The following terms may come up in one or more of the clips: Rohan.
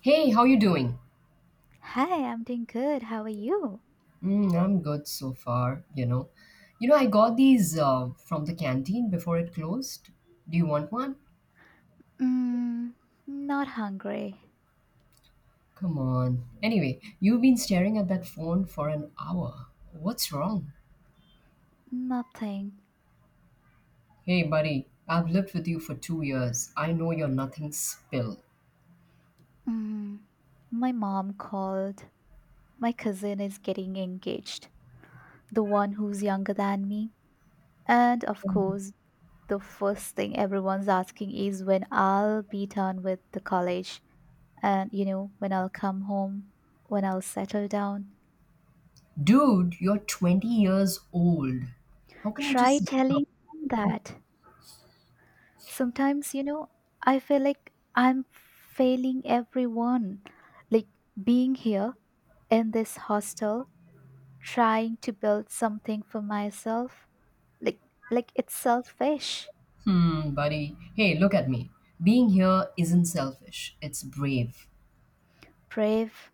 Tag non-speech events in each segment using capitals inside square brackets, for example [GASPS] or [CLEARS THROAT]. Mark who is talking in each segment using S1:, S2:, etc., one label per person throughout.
S1: Hey, how you doing?
S2: Hi, I'm doing good. How are you?
S1: Mm, I'm good so far, you know. You know, I got these from the canteen before it closed. Do you want one?
S2: Mm, Not hungry.
S1: Come on. Anyway, you've been staring at that phone for an hour. What's wrong?
S2: Nothing.
S1: Hey, buddy, I've lived with you for 2 years. I know you're nothing spill.
S2: Mm, my mom called. My cousin is getting engaged, the one who's younger than me. And of course, the first thing everyone's asking is when I'll be done with the college and, you know, when I'll come home, when I'll settle down.
S1: Dude, you're 20 years old. How can you
S2: Try
S1: just look up?
S2: telling them that. Sometimes, you know, I feel like I'm failing everyone. Like being here in this hostel, trying to build something for myself. Like like it's selfish.
S1: Hmm, buddy. Hey, look at me. Being here isn't selfish, it's brave.
S2: Brave.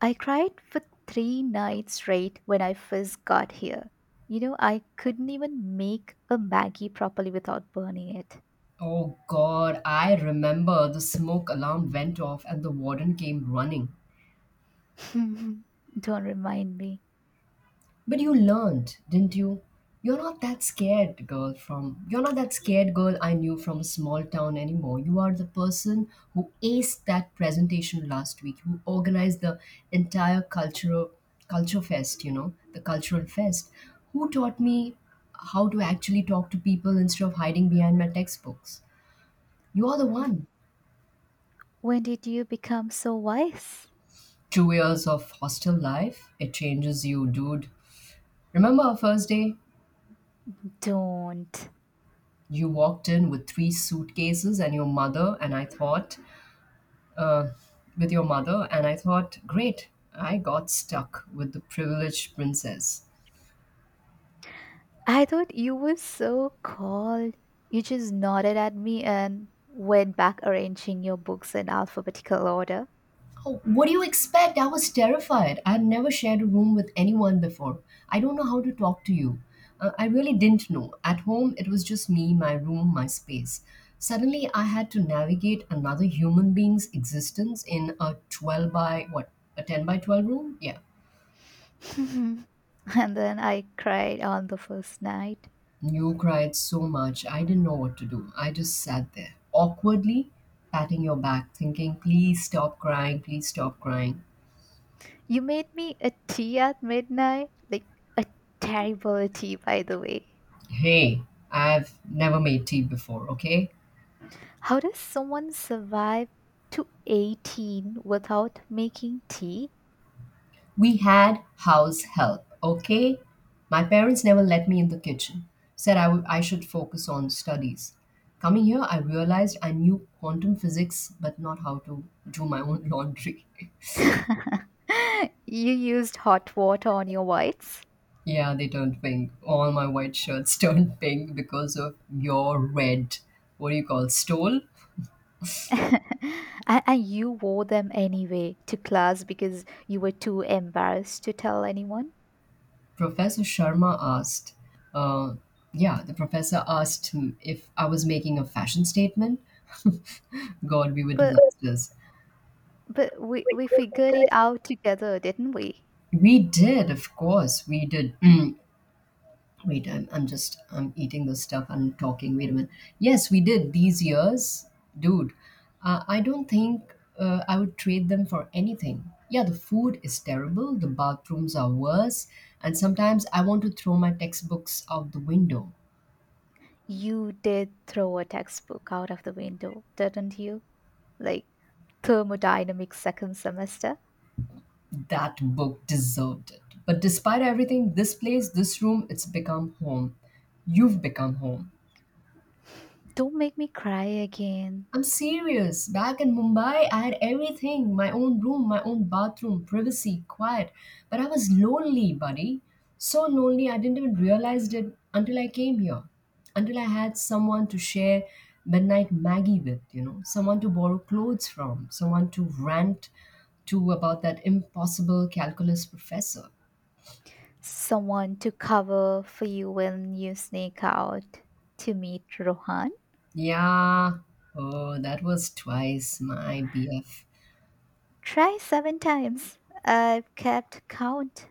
S2: I cried for 3 nights straight when I first got here. You know, I couldn't even make a Maggie properly without burning it.
S1: Oh God, I remember the smoke alarm went off and the warden came running.
S2: [LAUGHS] Don't remind me.
S1: But you learned, didn't you? You're not that scared girl from you're not that scared girl I knew from a small town anymore. You are the person who aced that presentation last week, who organized the entire cultural culture fest, you know, the cultural fest. Who taught me how to actually talk to people instead of hiding behind my textbooks? You are the one.
S2: When did you become so wise?
S1: 2 years of hostel life, it changes you, dude. Remember our first day?
S2: Don't.
S1: You walked in with three suitcases and your mother, and I thought, uh, great, I got stuck with the privileged princess.
S2: I thought you were so cold. You just nodded at me and went back arranging your books in alphabetical order.
S1: Oh, what do you expect? I was terrified. I'd never shared a room with anyone before. I don't know how to talk to you. I really didn't know. At home, it was just me, my room, my space. Suddenly, I had to navigate another human being's existence in a 12 by what? A 10 by 12 room? Yeah.
S2: [LAUGHS] and then I cried on the first night.
S1: You cried so much. I didn't know what to do. I just sat there, awkwardly patting your back, thinking, please stop crying, please stop crying.
S2: You made me a tea at midnight. Like a terrible tea, by the way.
S1: Hey, I've never made tea before, okay?
S2: How does someone survive to 18 without making tea?
S1: We had house help, okay? My parents never let me in the kitchen, said I should focus on studies. Coming here, I realized I knew quantum physics, but not how to do my own laundry. [LAUGHS]
S2: [GASPS] [LAUGHS] you used hot water on your whites?
S1: Yeah, they turned pink. All my white shirts [LAUGHS] turned pink because of your red, what do you call, stole?
S2: [LAUGHS] and, and you wore them anyway to class because you were too embarrassed to tell anyone.
S1: Professor Sharma asked, uh, yeah, the professor asked him if I was making a fashion statement. [LAUGHS] God, we were
S2: But
S1: disasters.
S2: but we figured it out together, didn't we?
S1: We did, of course, we did. Wait, I'm eating this stuff and talking. Wait a minute. Yes, we did these years, dude. I don't think I would trade them for anything. Yeah, the food is terrible. The bathrooms are worse, and sometimes I want to throw my textbooks out the window.
S2: You did throw a textbook out of the window, didn't you? Like thermodynamics second semester.
S1: That book deserved it. But despite everything, this place, this room, it's become home. You've become home.
S2: Don't make me cry again.
S1: I'm serious. Back in Mumbai, I had everything: my own room, my own bathroom, privacy, quiet. But I was lonely, buddy. So lonely, I didn't even realize it until I came here. Until I had someone to share midnight Maggie with, you know, someone to borrow clothes from, someone to rant to about that impossible calculus professor.
S2: Someone to cover for you when you sneak out to meet Rohan.
S1: Yeah. Oh, that was twice my BF.
S2: Try 7 times. I've kept count.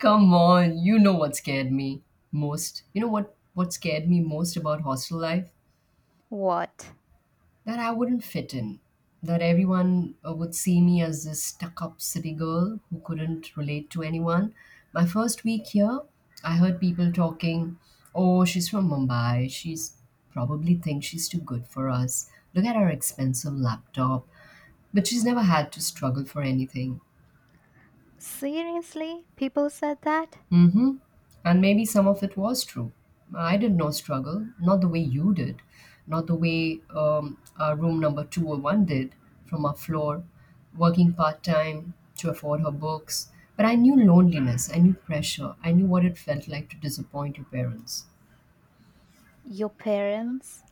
S1: Come on, you know what scared me most. You know what scared me most about hostel life?
S2: What?
S1: That I wouldn't fit in. That everyone would see me as this stuck-up city girl who couldn't relate to anyone. My first week here, I heard people talking, "Oh, she's from Mumbai. She's probably thinks she's too good for us. Look at her expensive laptop." But she's never had to struggle for anything.
S2: Seriously, people said that?
S1: Mm-hmm. And maybe some of it was true. I did not struggle, not the way you did, not the way our room number 201 did from our floor, working part time to afford her books. But I knew loneliness, I knew pressure, I knew what it felt like to disappoint your parents.
S2: Your parents?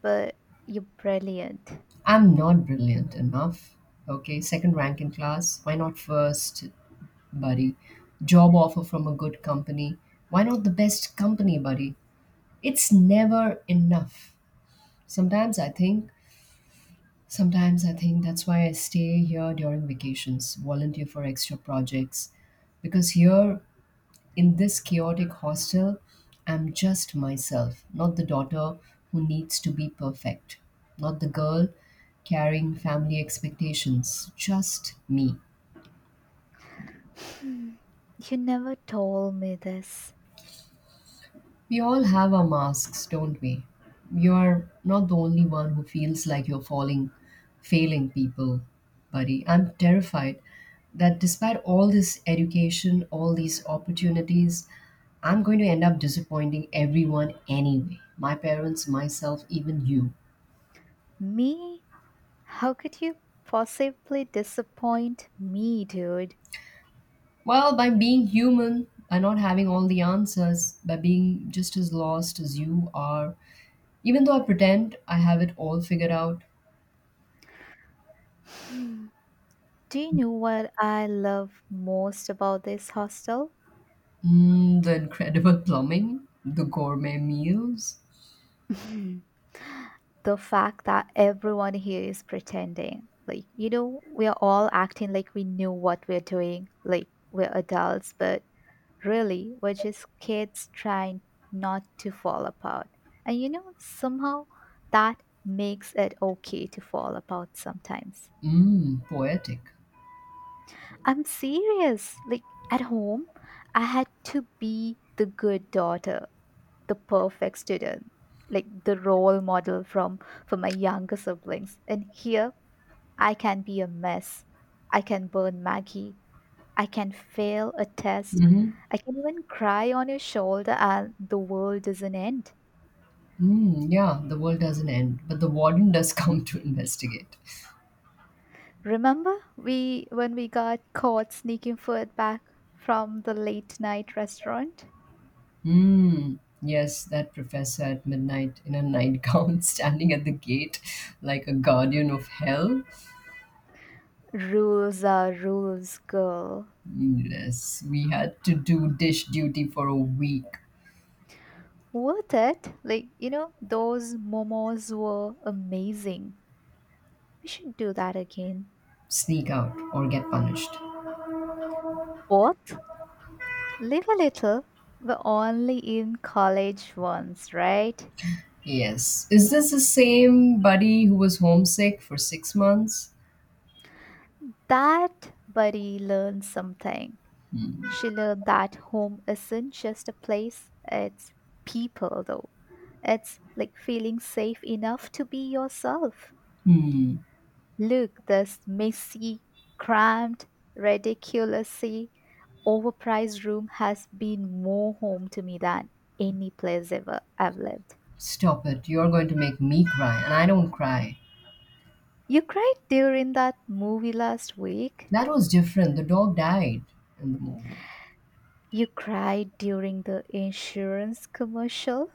S2: But you're brilliant.
S1: I'm not brilliant enough. Okay, second rank in class. Why not first, buddy? Job offer from a good company. Why not the best company, buddy? It's never enough. Sometimes I think, sometimes I think that's why I stay here during vacations, volunteer for extra projects, because here in this chaotic hostel, I'm just myself, not the daughter who needs to be perfect, not the girl carrying family expectations, just me.
S2: You never told me this.
S1: We all have our masks, don't we? You're not the only one who feels like failing people, buddy. I'm terrified that despite all this education, all these opportunities, I'm going to end up disappointing everyone anyway. My parents, myself, even you.
S2: Me? How could you possibly disappoint me, dude?
S1: Well, by being human, by not having all the answers, by being just as lost as you are, even though I pretend I have it all figured out.
S2: Do you know what I love most about this hostel?
S1: Mm, the incredible plumbing, the gourmet meals.
S2: [LAUGHS] the fact that everyone here is pretending. Like, you know, we are all acting like we knew what we're doing, like we're adults, but really were just kids trying not to fall apart. And you know, somehow that makes it okay to fall apart sometimes.
S1: Mm, poetic.
S2: I'm serious. Like at home, I had to be the good daughter, the perfect student, like the role model from for my younger siblings. And here I can be a mess. I can burn Maggie. I can fail a test.
S1: Hmm.
S2: I can even cry on your shoulder and the world doesn't end.
S1: Mm, yeah, the world doesn't end, but the warden does [LAUGHS] come to investigate.
S2: Remember we when we got caught sneaking food back from the late night restaurant?
S1: Mm, yes, that professor at midnight in a nightgown [LAUGHS] standing at the gate like a guardian of hell.
S2: Rules are rules, girl.
S1: Yes, we had to do dish duty for a week,
S2: Worth it. Like, you know, those momos were amazing. We should do that again.
S1: sneak out, or get punished.
S2: What? Live a little. We're only in college once, right?
S1: Yes. Is this the same buddy who was homesick for 6 months?
S2: That buddy learned something. She learned that home isn't just a place, it's people, though. It's like feeling safe enough to be yourself.
S1: Hmm.
S2: Look, this messy, cramped, ridiculously overpriced room has been more home to me than any place ever I've lived.
S1: Stop it. You're going to make me cry, and I don't cry.
S2: You cried during that movie last week.
S1: That was different. The dog died in the movie.
S2: You cried during the insurance commercial.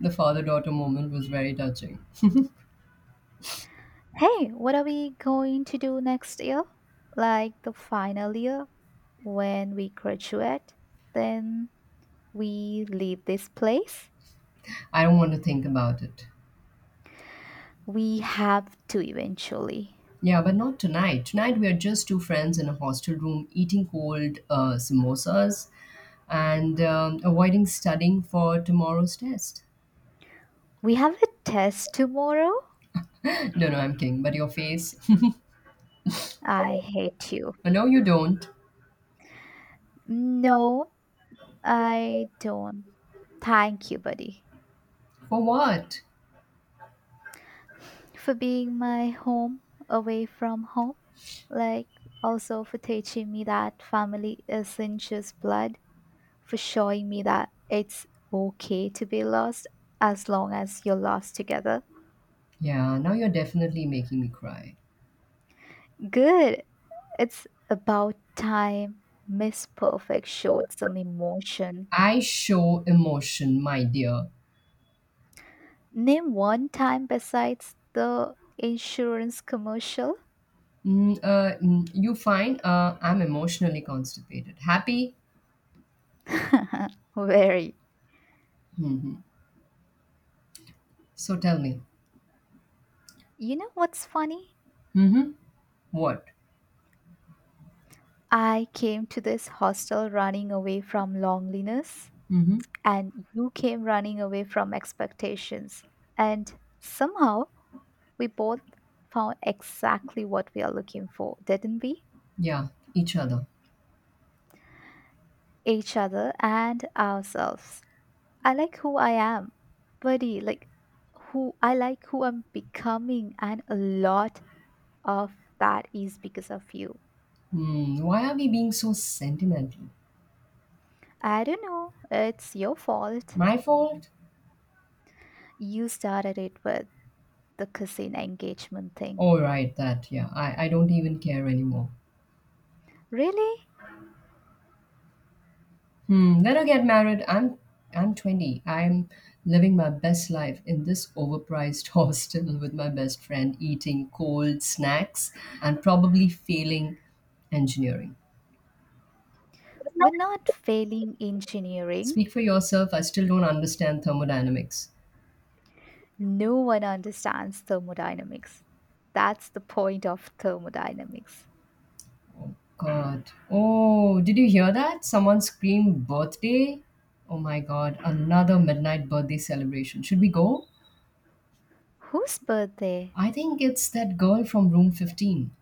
S1: The father daughter moment was very touching.
S2: Hey, what are we going to do next year? Like the final year when we graduate, then we leave this place?
S1: I don't want to think about it.
S2: We have to eventually.
S1: Yeah, but not tonight. Tonight, we are just two friends in a hostel room eating cold samosas and avoiding studying for tomorrow's test.
S2: We have a test tomorrow.
S1: No, no, I'm kidding. But your face.
S2: I hate you.
S1: [LAUGHS] No, you don't.
S2: No, I don't. Thank you, buddy,
S1: For what?
S2: for being my home away from home. Like, also for teaching me that family isn't just blood for showing me that it's okay to be lost as long as you're lost together.
S1: Yeah, now you're definitely making me cry.
S2: Good. It's about time Miss Perfect showed some emotion.
S1: I show emotion, my dear.
S2: Name one time besides the insurance commercial.
S1: Mm, mm, you find I'm emotionally constipated. Happy?
S2: [LAUGHS] Very.
S1: So tell me.
S2: You know what's funny?
S1: Mm-hmm. What?
S2: I came to this hostel running away from loneliness,
S1: Mm-hmm.
S2: and you came running away from expectations. And somehow we both found exactly what we are looking for, didn't we?
S1: Yeah, each other.
S2: Each other and ourselves. I like who I am, buddy, like who I'm becoming, and a lot of that is because of you.
S1: Hmm, why are we being so sentimental?
S2: I don't know, it's your fault.
S1: My fault?
S2: You started it with the cousin engagement thing.
S1: Oh, right, that. Yeah, I don't even care anymore.
S2: Really?
S1: Hmm, let her get married. I'm 20. I'm living my best life in this overpriced [LAUGHS] hostel with my best friend, eating cold snacks and probably failing engineering.
S2: We're not failing engineering.
S1: Speak for yourself. I still don't understand thermodynamics.
S2: No one understands thermodynamics. That's the point of thermodynamics.
S1: Oh, God. Oh, did you hear that? Someone screamed birthday. Oh, my God. Another midnight birthday celebration. Should we go?
S2: Whose birthday?
S1: I think it's that girl from room 15.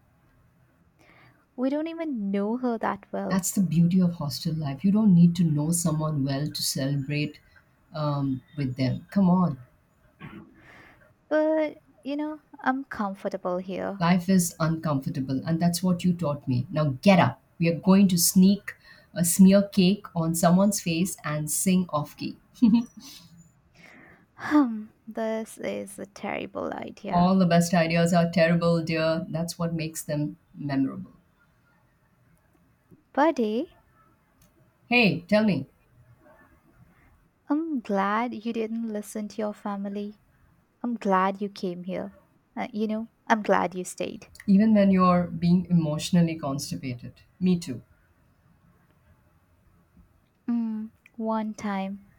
S2: We don't even know her that well.
S1: That's the beauty of hostel life. You don't need to know someone well to celebrate with them. Come on.
S2: But, you know, I'm comfortable here.
S1: Life is uncomfortable, and that's what you taught me. Now get up. We are going to sneak a smear cake on someone's face and sing off key.
S2: Hmm, this is a terrible idea.
S1: All the best ideas are terrible, dear. That's what makes them memorable.
S2: Buddy,
S1: Hey, tell me,
S2: I'm glad you didn't listen to your family. I'm glad you came here. You know, I'm glad you stayed.
S1: even when you're being emotionally constipated, me too.
S2: Mm, One time.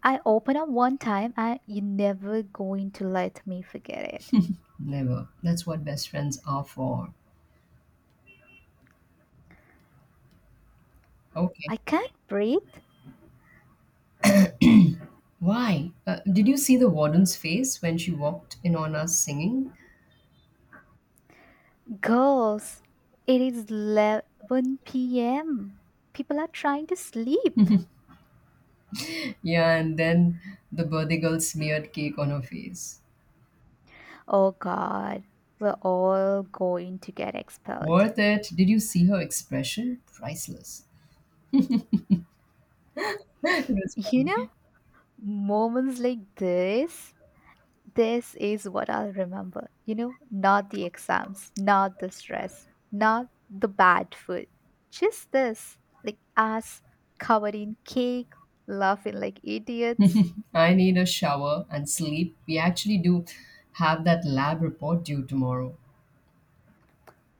S2: I open up one time and you're never going to let me forget it.
S1: Never. That's what best friends are for. Okay.
S2: I can't breathe.
S1: Why? Did you see the warden's face when she walked in on us singing?
S2: Girls, it is 11 p.m. People are trying to sleep.
S1: Yeah, and then the birthday girl smeared cake on her face.
S2: Oh god, we're all going to get expelled.
S1: Worth it. Did you see her expression? Priceless. [LAUGHS] It
S2: [LAUGHS]
S1: was
S2: You know,
S1: funny.
S2: moments like this is what I'll remember. You know, not the exams, not the stress, not the bad food. Just this, like us covered in cake, laughing like idiots.
S1: I need a shower and sleep. We actually do have that lab report due tomorrow.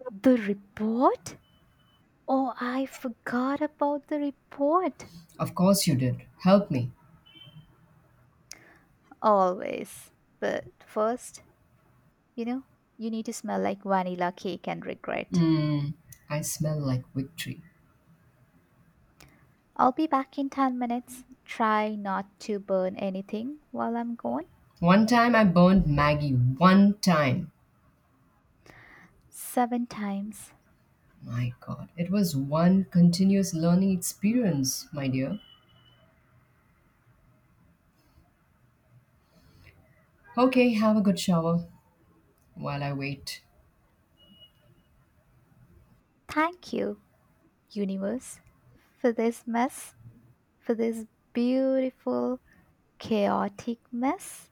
S2: The report? Oh, I forgot about the report.
S1: Of course, you did. Help me.
S2: Always. But first, you know, you need to smell like vanilla cake and regret.
S1: Mmm, I smell like victory.
S2: I'll be back in 10 minutes. Try not to burn anything while I'm gone.
S1: One time I burned Maggie. One time.
S2: 7 times.
S1: My god, it was one continuous learning experience, my dear. Okay, have a good shower while I wait.
S2: Thank you, universe, for this mess, for this beautiful, chaotic mess.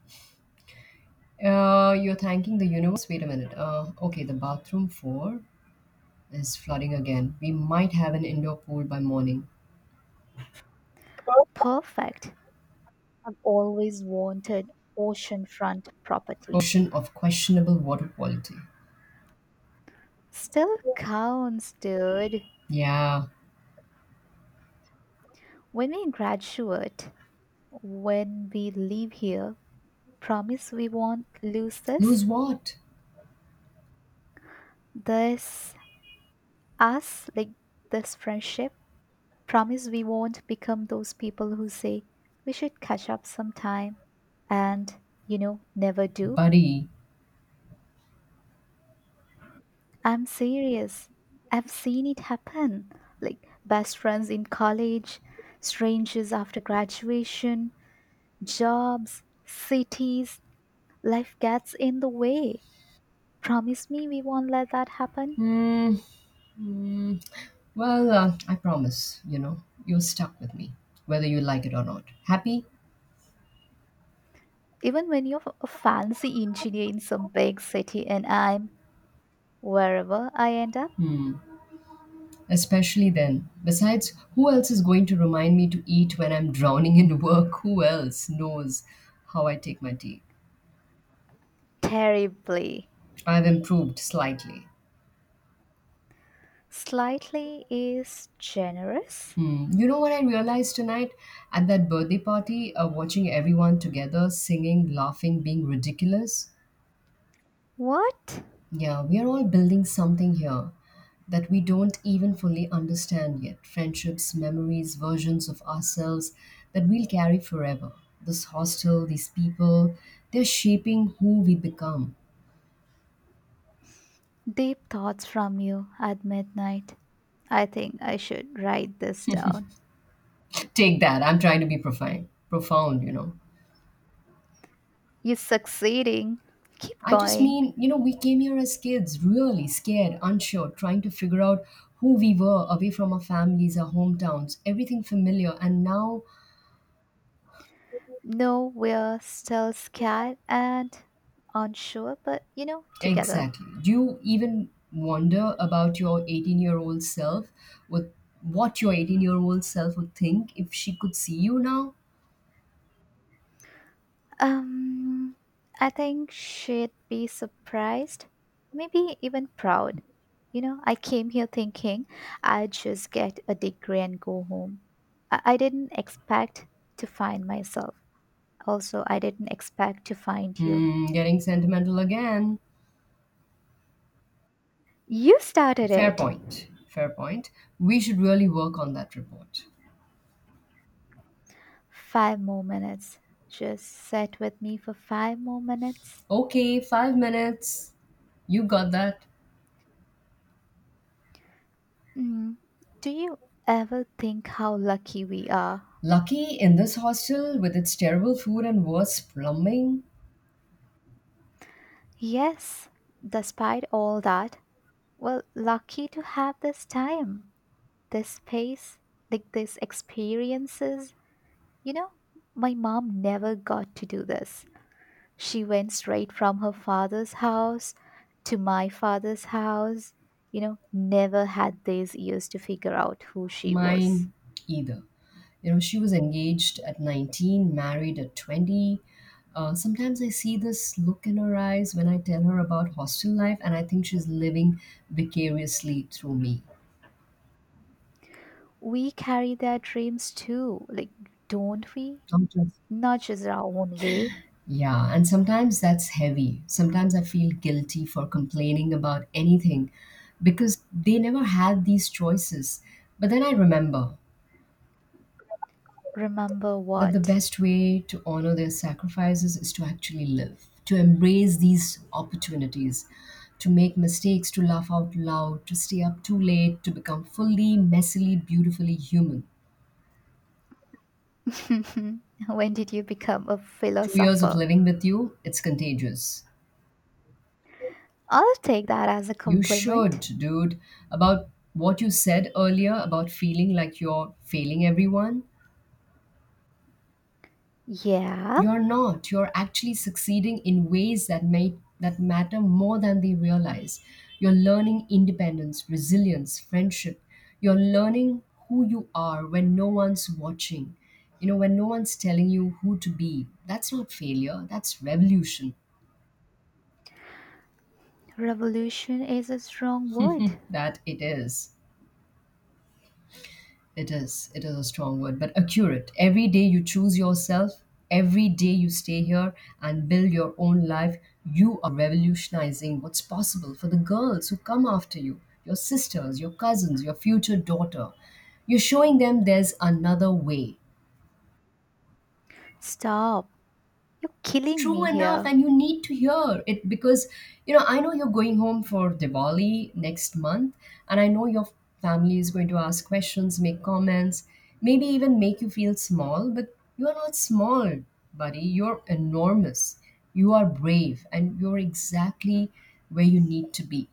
S1: You're thanking the universe? Wait a minute. Okay, the bathroom floor is flooding again. We might have an indoor pool by morning.
S2: Perfect. I've always wanted oceanfront property.
S1: Ocean of questionable water quality.
S2: Still counts, dude.
S1: Yeah,
S2: When we graduate, when we leave here, promise we won't lose
S1: lose
S2: this,
S1: what?
S2: this us, like this friendship. Promise we won't become those people who say we should catch up sometime and, you know, never do.
S1: Buddy.
S2: I'm serious. I've seen it happen. Like best friends in college, strangers after graduation, jobs, cities, life gets in the way. Promise me we won't let that happen.
S1: Hmm. Hmm. Well, I promise, you know, you're stuck with me, whether you like it or not. Happy?
S2: Even when you're a fancy engineer in some big city and I'm wherever I end up,
S1: Especially then. Besides, who else is going to remind me to eat when I'm drowning in work? Who else knows how I take my tea?
S2: terribly.
S1: I've improved slightly.
S2: Slightly is generous.
S1: Hmm. You know what I realized tonight? At that birthday party, watching everyone together, singing, laughing, being ridiculous,
S2: What?
S1: yeah, we are all building something here that we don't even fully understand yet. Friendships, memories, versions of ourselves that we'll carry forever. This hostel, these people, they're shaping who we become.
S2: Deep thoughts from you at midnight. I think I should write this down.
S1: [LAUGHS] Take that. I'm trying to be profound, you know.
S2: You're succeeding. Keep
S1: I just
S2: going.
S1: mean, you know, we came here as kids, really scared, unsure, trying to figure out who we were away from our families, our hometowns, everything familiar. And now
S2: No, we're still scared and unsure, but you know, together.
S1: exactly. Do you even wonder about your 18-year-old self? With what your 18-year-old self would think if she could see you now?
S2: Um, I think she'd be surprised, maybe even proud. You know, I came here thinking I'd just get a degree and go home. I didn't expect to find myself. Also, I didn't expect to find you.
S1: Hmm, getting sentimental again.
S2: You started it.
S1: Fair point. We should really work on that report.
S2: 5 more minutes. Just sit with me for 5 more minutes.
S1: Okay, 5 minutes. You got that.
S2: Mm. Do you ever think how lucky we are?
S1: Lucky in this hostel with its terrible food and worse plumbing.
S2: Yes, despite all that, well, lucky to have this time, this space, like these experiences. You know, my mom never got to do this. She went straight from her father's house to my father's house. You know, never had these years to figure out who she was.
S1: Mine either. You know, she was engaged at 19, married at 20. Sometimes I see this look in her eyes when I tell her about hostel life, and I think she's living vicariously through me.
S2: We carry their dreams too, like, don't we?
S1: Not just
S2: Not just our own way.
S1: yeah, and sometimes that's heavy. Sometimes I feel guilty for complaining about anything because they never had these choices. But then I remember
S2: Remember
S1: that the
S2: what?
S1: best way to honor their sacrifices is to actually live, to embrace these opportunities, to make mistakes, to laugh out loud, to stay up too late, to become fully, messily, beautifully human.
S2: [LAUGHS] when did you become a
S1: 2 years of
S2: philosopher?
S1: living with you, it's contagious.
S2: I'll take that as a
S1: You should,
S2: compliment.
S1: dude. About what you said earlier about feeling like you're failing everyone,
S2: Yeah,
S1: you're not. You're actually succeeding in ways that may that matter more than they realize. You're learning independence, resilience, friendship. You're learning who you are when no one's watching. You know, when no one's telling you who to be. That's not failure. That's revolution.
S2: revolution is a strong word.
S1: That it is. It is. It is a strong word, but accurate. Every day you choose yourself, every day you stay here and build your own life, you are revolutionizing what's possible for the girls who come after you, your sisters, your cousins, your future daughter. You're showing them there's another way.
S2: Stop. You're killing
S1: True
S2: me
S1: enough,
S2: here.
S1: and you need to hear it because I know you're going home for Diwali next month, and I know your family is going to ask questions, make comments, maybe even make you feel small. But you're not small, buddy. You're enormous. You are brave, and you're exactly where you need to be.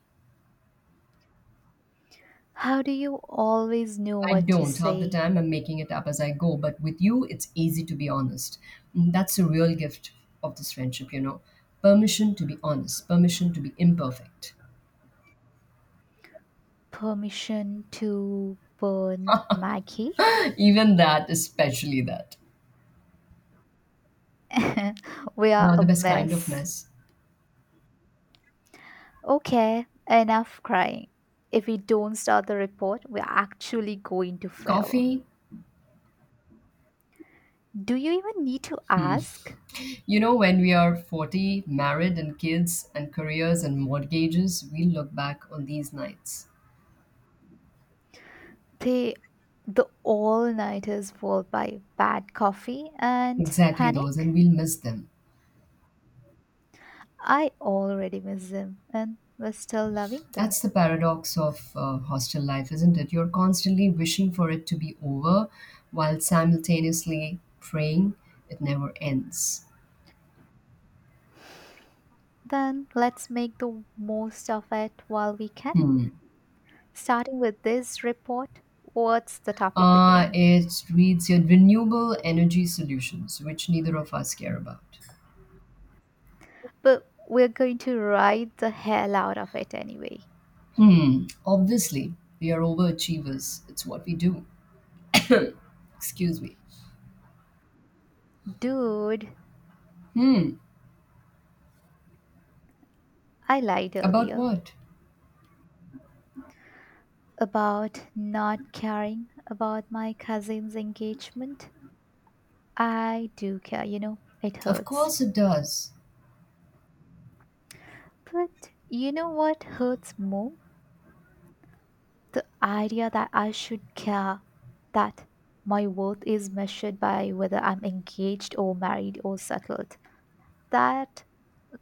S2: How do you always know
S1: I
S2: what to
S1: don't. Half the
S2: say?
S1: time, I'm making it up as I go. But with you, it's easy to be honest. And that's the real gift of this friendship. Permission to be honest, permission to be imperfect.
S2: Permission to burn Maggie?
S1: [LAUGHS] Even that, especially that.
S2: [LAUGHS] we are
S1: Uh,
S2: a
S1: the best kind of
S2: mess.
S1: mess.
S2: Okay, enough crying. If we don't start the report, we're actually going to fail.
S1: Coffee.
S2: Do you even need to ask?
S1: You know, when we are 40, married, and kids, and careers, and mortgages, we'll look back on these nights.
S2: They, the all-nighters followed by bad coffee and
S1: Exactly those, and
S2: panic.
S1: we'll miss them.
S2: I already miss them and we're still loving them.
S1: That's the paradox of hostel life, isn't it? You're constantly wishing for it to be over while simultaneously praying it never ends.
S2: Then let's make the most of it while we can.
S1: Hmm.
S2: Starting with this report, what's the topic again?
S1: It reads your renewable energy solutions, which neither of us care about.
S2: But we're going to ride the hell out of it anyway.
S1: Hmm. Obviously, we are overachievers. It's what we do. [COUGHS] [CLEARS THROAT] Excuse me.
S2: Dude,
S1: Hmm.
S2: I lied
S1: About
S2: earlier
S1: what?
S2: about not caring about my cousin's engagement. I do care, you know, it
S1: Of
S2: hurts.
S1: course it does.
S2: But you know what hurts more? The idea that I should care, that my worth is measured by whether I'm engaged or married or settled. That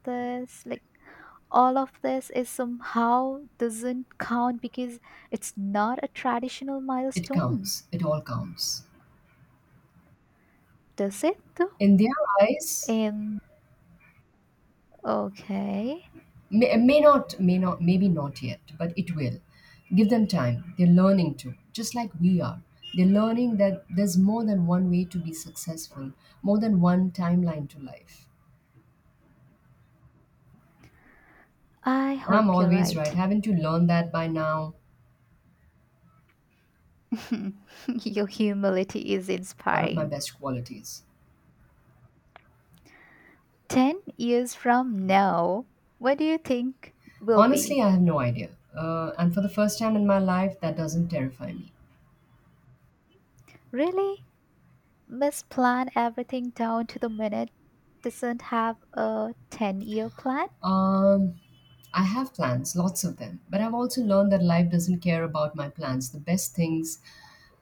S2: this, like, all of this is somehow doesn't count because it's not a traditional
S1: It
S2: milestone,
S1: counts. It all counts.
S2: does it though?
S1: In their eyes,
S2: And okay,
S1: may not, maybe not yet, but it will. Give them time. They're learning too, just like we are. They're learning that there's more than one way to be successful, more than one timeline to life.
S2: I
S1: I'm
S2: hope you're
S1: always
S2: right.
S1: right. Haven't you learned that by now?
S2: [LAUGHS] Your humility is
S1: One of my
S2: inspiring.
S1: best qualities.
S2: 10 years from now, what do you think will
S1: Honestly,
S2: be?
S1: I have no idea, and for the first time in my life that doesn't terrify me.
S2: Really? Misplan everything down to the minute doesn't have a 10-year plan?
S1: um I have plans, lots of them, but I've also learned that life doesn't care about my plans. The best things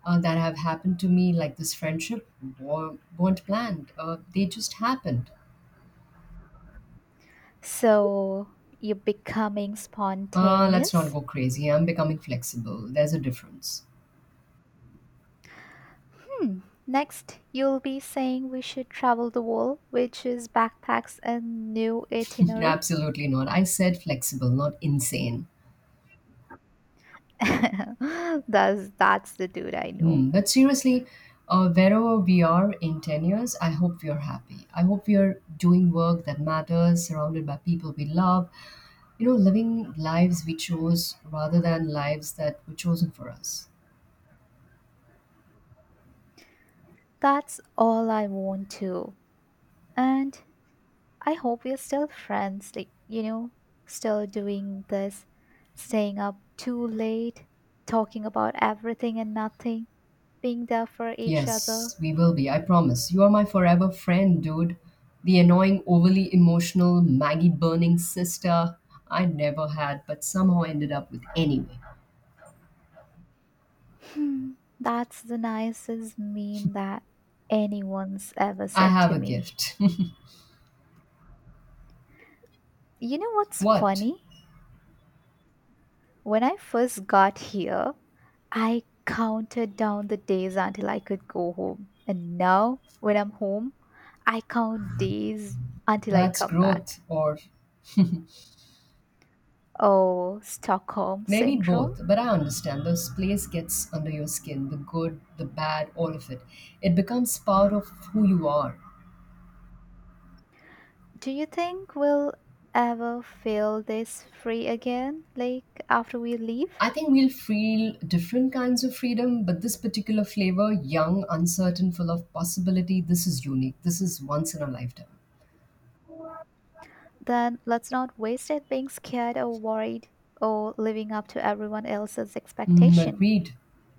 S1: that have happened to me, like this friendship, weren't planned. They just happened.
S2: So you're becoming
S1: Let's not
S2: spontaneous?
S1: go crazy. I'm becoming flexible. There's a difference.
S2: Hmm. Next, you'll be saying we should travel the world, which is backpacks and new
S1: [LAUGHS]
S2: itinerary.
S1: Absolutely not. I said flexible, not insane.
S2: [LAUGHS] that's the dude I know.
S1: Hmm. But seriously, wherever we are in 10 years, I hope we are happy. I hope we are doing work that matters, surrounded by people we love, you know, living lives we chose rather than lives that were chosen for us.
S2: That's all I want to. And I hope we're still friends, like, you know, still doing this, staying up too late, talking about everything and nothing, being there for each other.
S1: Yes, we will be. I promise. You are my forever friend, dude. The annoying, overly emotional, Maggie burning sister I never had, but somehow ended up with anyway.
S2: Hmm, that's the nicest mean that anyone's ever
S1: I
S2: said
S1: have
S2: to
S1: a
S2: me.
S1: gift.
S2: You know
S1: [LAUGHS]
S2: what's
S1: What?
S2: funny? When I first got here, I counted down the days until I could go home. And now, when I'm home, I count days until I
S1: That's
S2: come back.
S1: growth, or
S2: Oh, Stockholm
S1: maybe
S2: syndrome.
S1: both. But I understand this place gets under your skin, the good, the bad, all of it. It becomes part of who you are.
S2: Do you think we'll ever feel this free again, like after we leave?
S1: I think we'll feel different kinds of freedom, but this particular flavor, young, uncertain, full of possibility, this is unique. This is once in a lifetime.
S2: Then let's not waste it being scared or worried or living up to everyone else's
S1: Mm,
S2: expectation.
S1: agreed.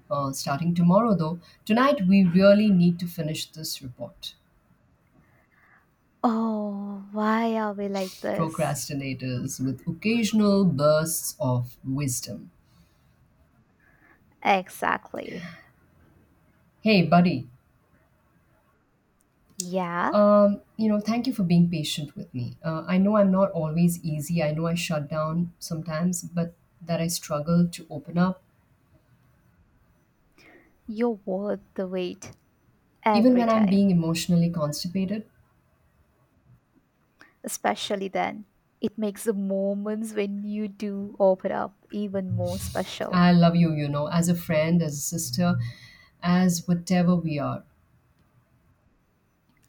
S1: Starting tomorrow, though. Tonight we really need to finish this report.
S2: Oh, why are we like this?
S1: Procrastinators with occasional bursts of wisdom.
S2: Exactly.
S1: Hey, buddy.
S2: Yeah,
S1: You know, thank you for being patient with me. I know I'm not always easy. I know I shut down sometimes, but that I struggle to open up
S2: you're worth the wait
S1: even
S2: every
S1: when I'm being
S2: time,
S1: emotionally constipated.
S2: especially then. It makes the moments when you do open up even more special.
S1: I love you, you know, as a friend, as a sister, as whatever we are.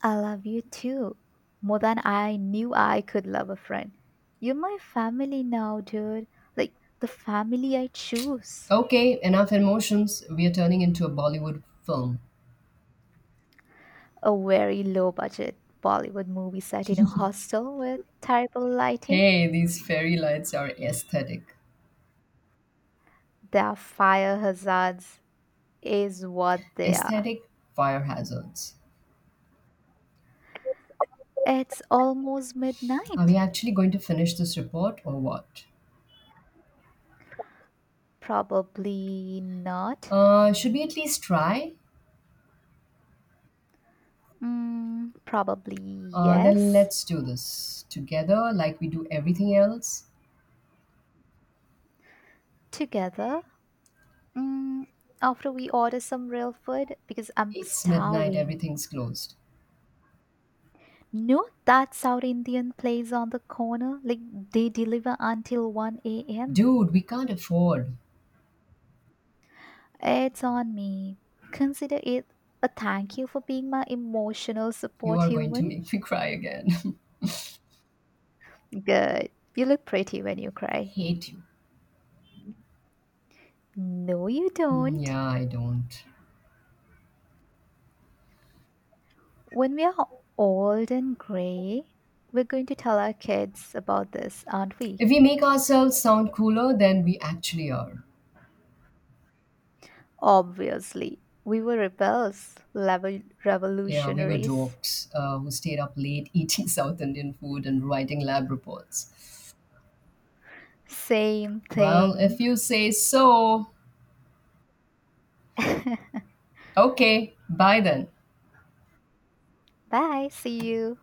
S2: I love you too, more than I knew I could love a friend. You're my family now, dude. Like the family I choose.
S1: Okay, enough emotions. We are turning into a Bollywood film.
S2: A very low budget Bollywood movie set in a hostel with terrible lighting.
S1: Hey, these fairy lights are aesthetic.
S2: Their fire hazards is what they are.
S1: Aesthetic fire hazards.
S2: It's almost
S1: Are we
S2: midnight.
S1: actually going to finish this report or what?
S2: Probably not.
S1: Should we at least try?
S2: Probably
S1: Then
S2: yes.
S1: let's do this together like we do everything else.
S2: Together. Mm, After we order some real food because I'm
S1: It's midnight,
S2: starving.
S1: everything's closed.
S2: Know that South Indian place on the corner? Like they deliver until 1 a.m.
S1: Dude, we can't afford.
S2: It's on me. Consider it a thank you for being my emotional
S1: You
S2: support
S1: are going to
S2: human.
S1: make me cry again.
S2: Good. You look pretty when you
S1: [LAUGHS]
S2: cry.
S1: Hate you.
S2: No, you
S1: Mm,
S2: don't.
S1: yeah, I don't.
S2: When we are old and gray, we're going to tell our kids about this, aren't we?
S1: If we make ourselves sound cooler than we actually are.
S2: Obviously, we were rebels, level
S1: Yeah, we were
S2: revolutionaries.
S1: dorks who stayed up late eating [LAUGHS] South Indian food and writing lab reports.
S2: Same
S1: Well, if
S2: thing.
S1: you say so,
S2: [LAUGHS]
S1: okay, bye then.
S2: Bye, see you.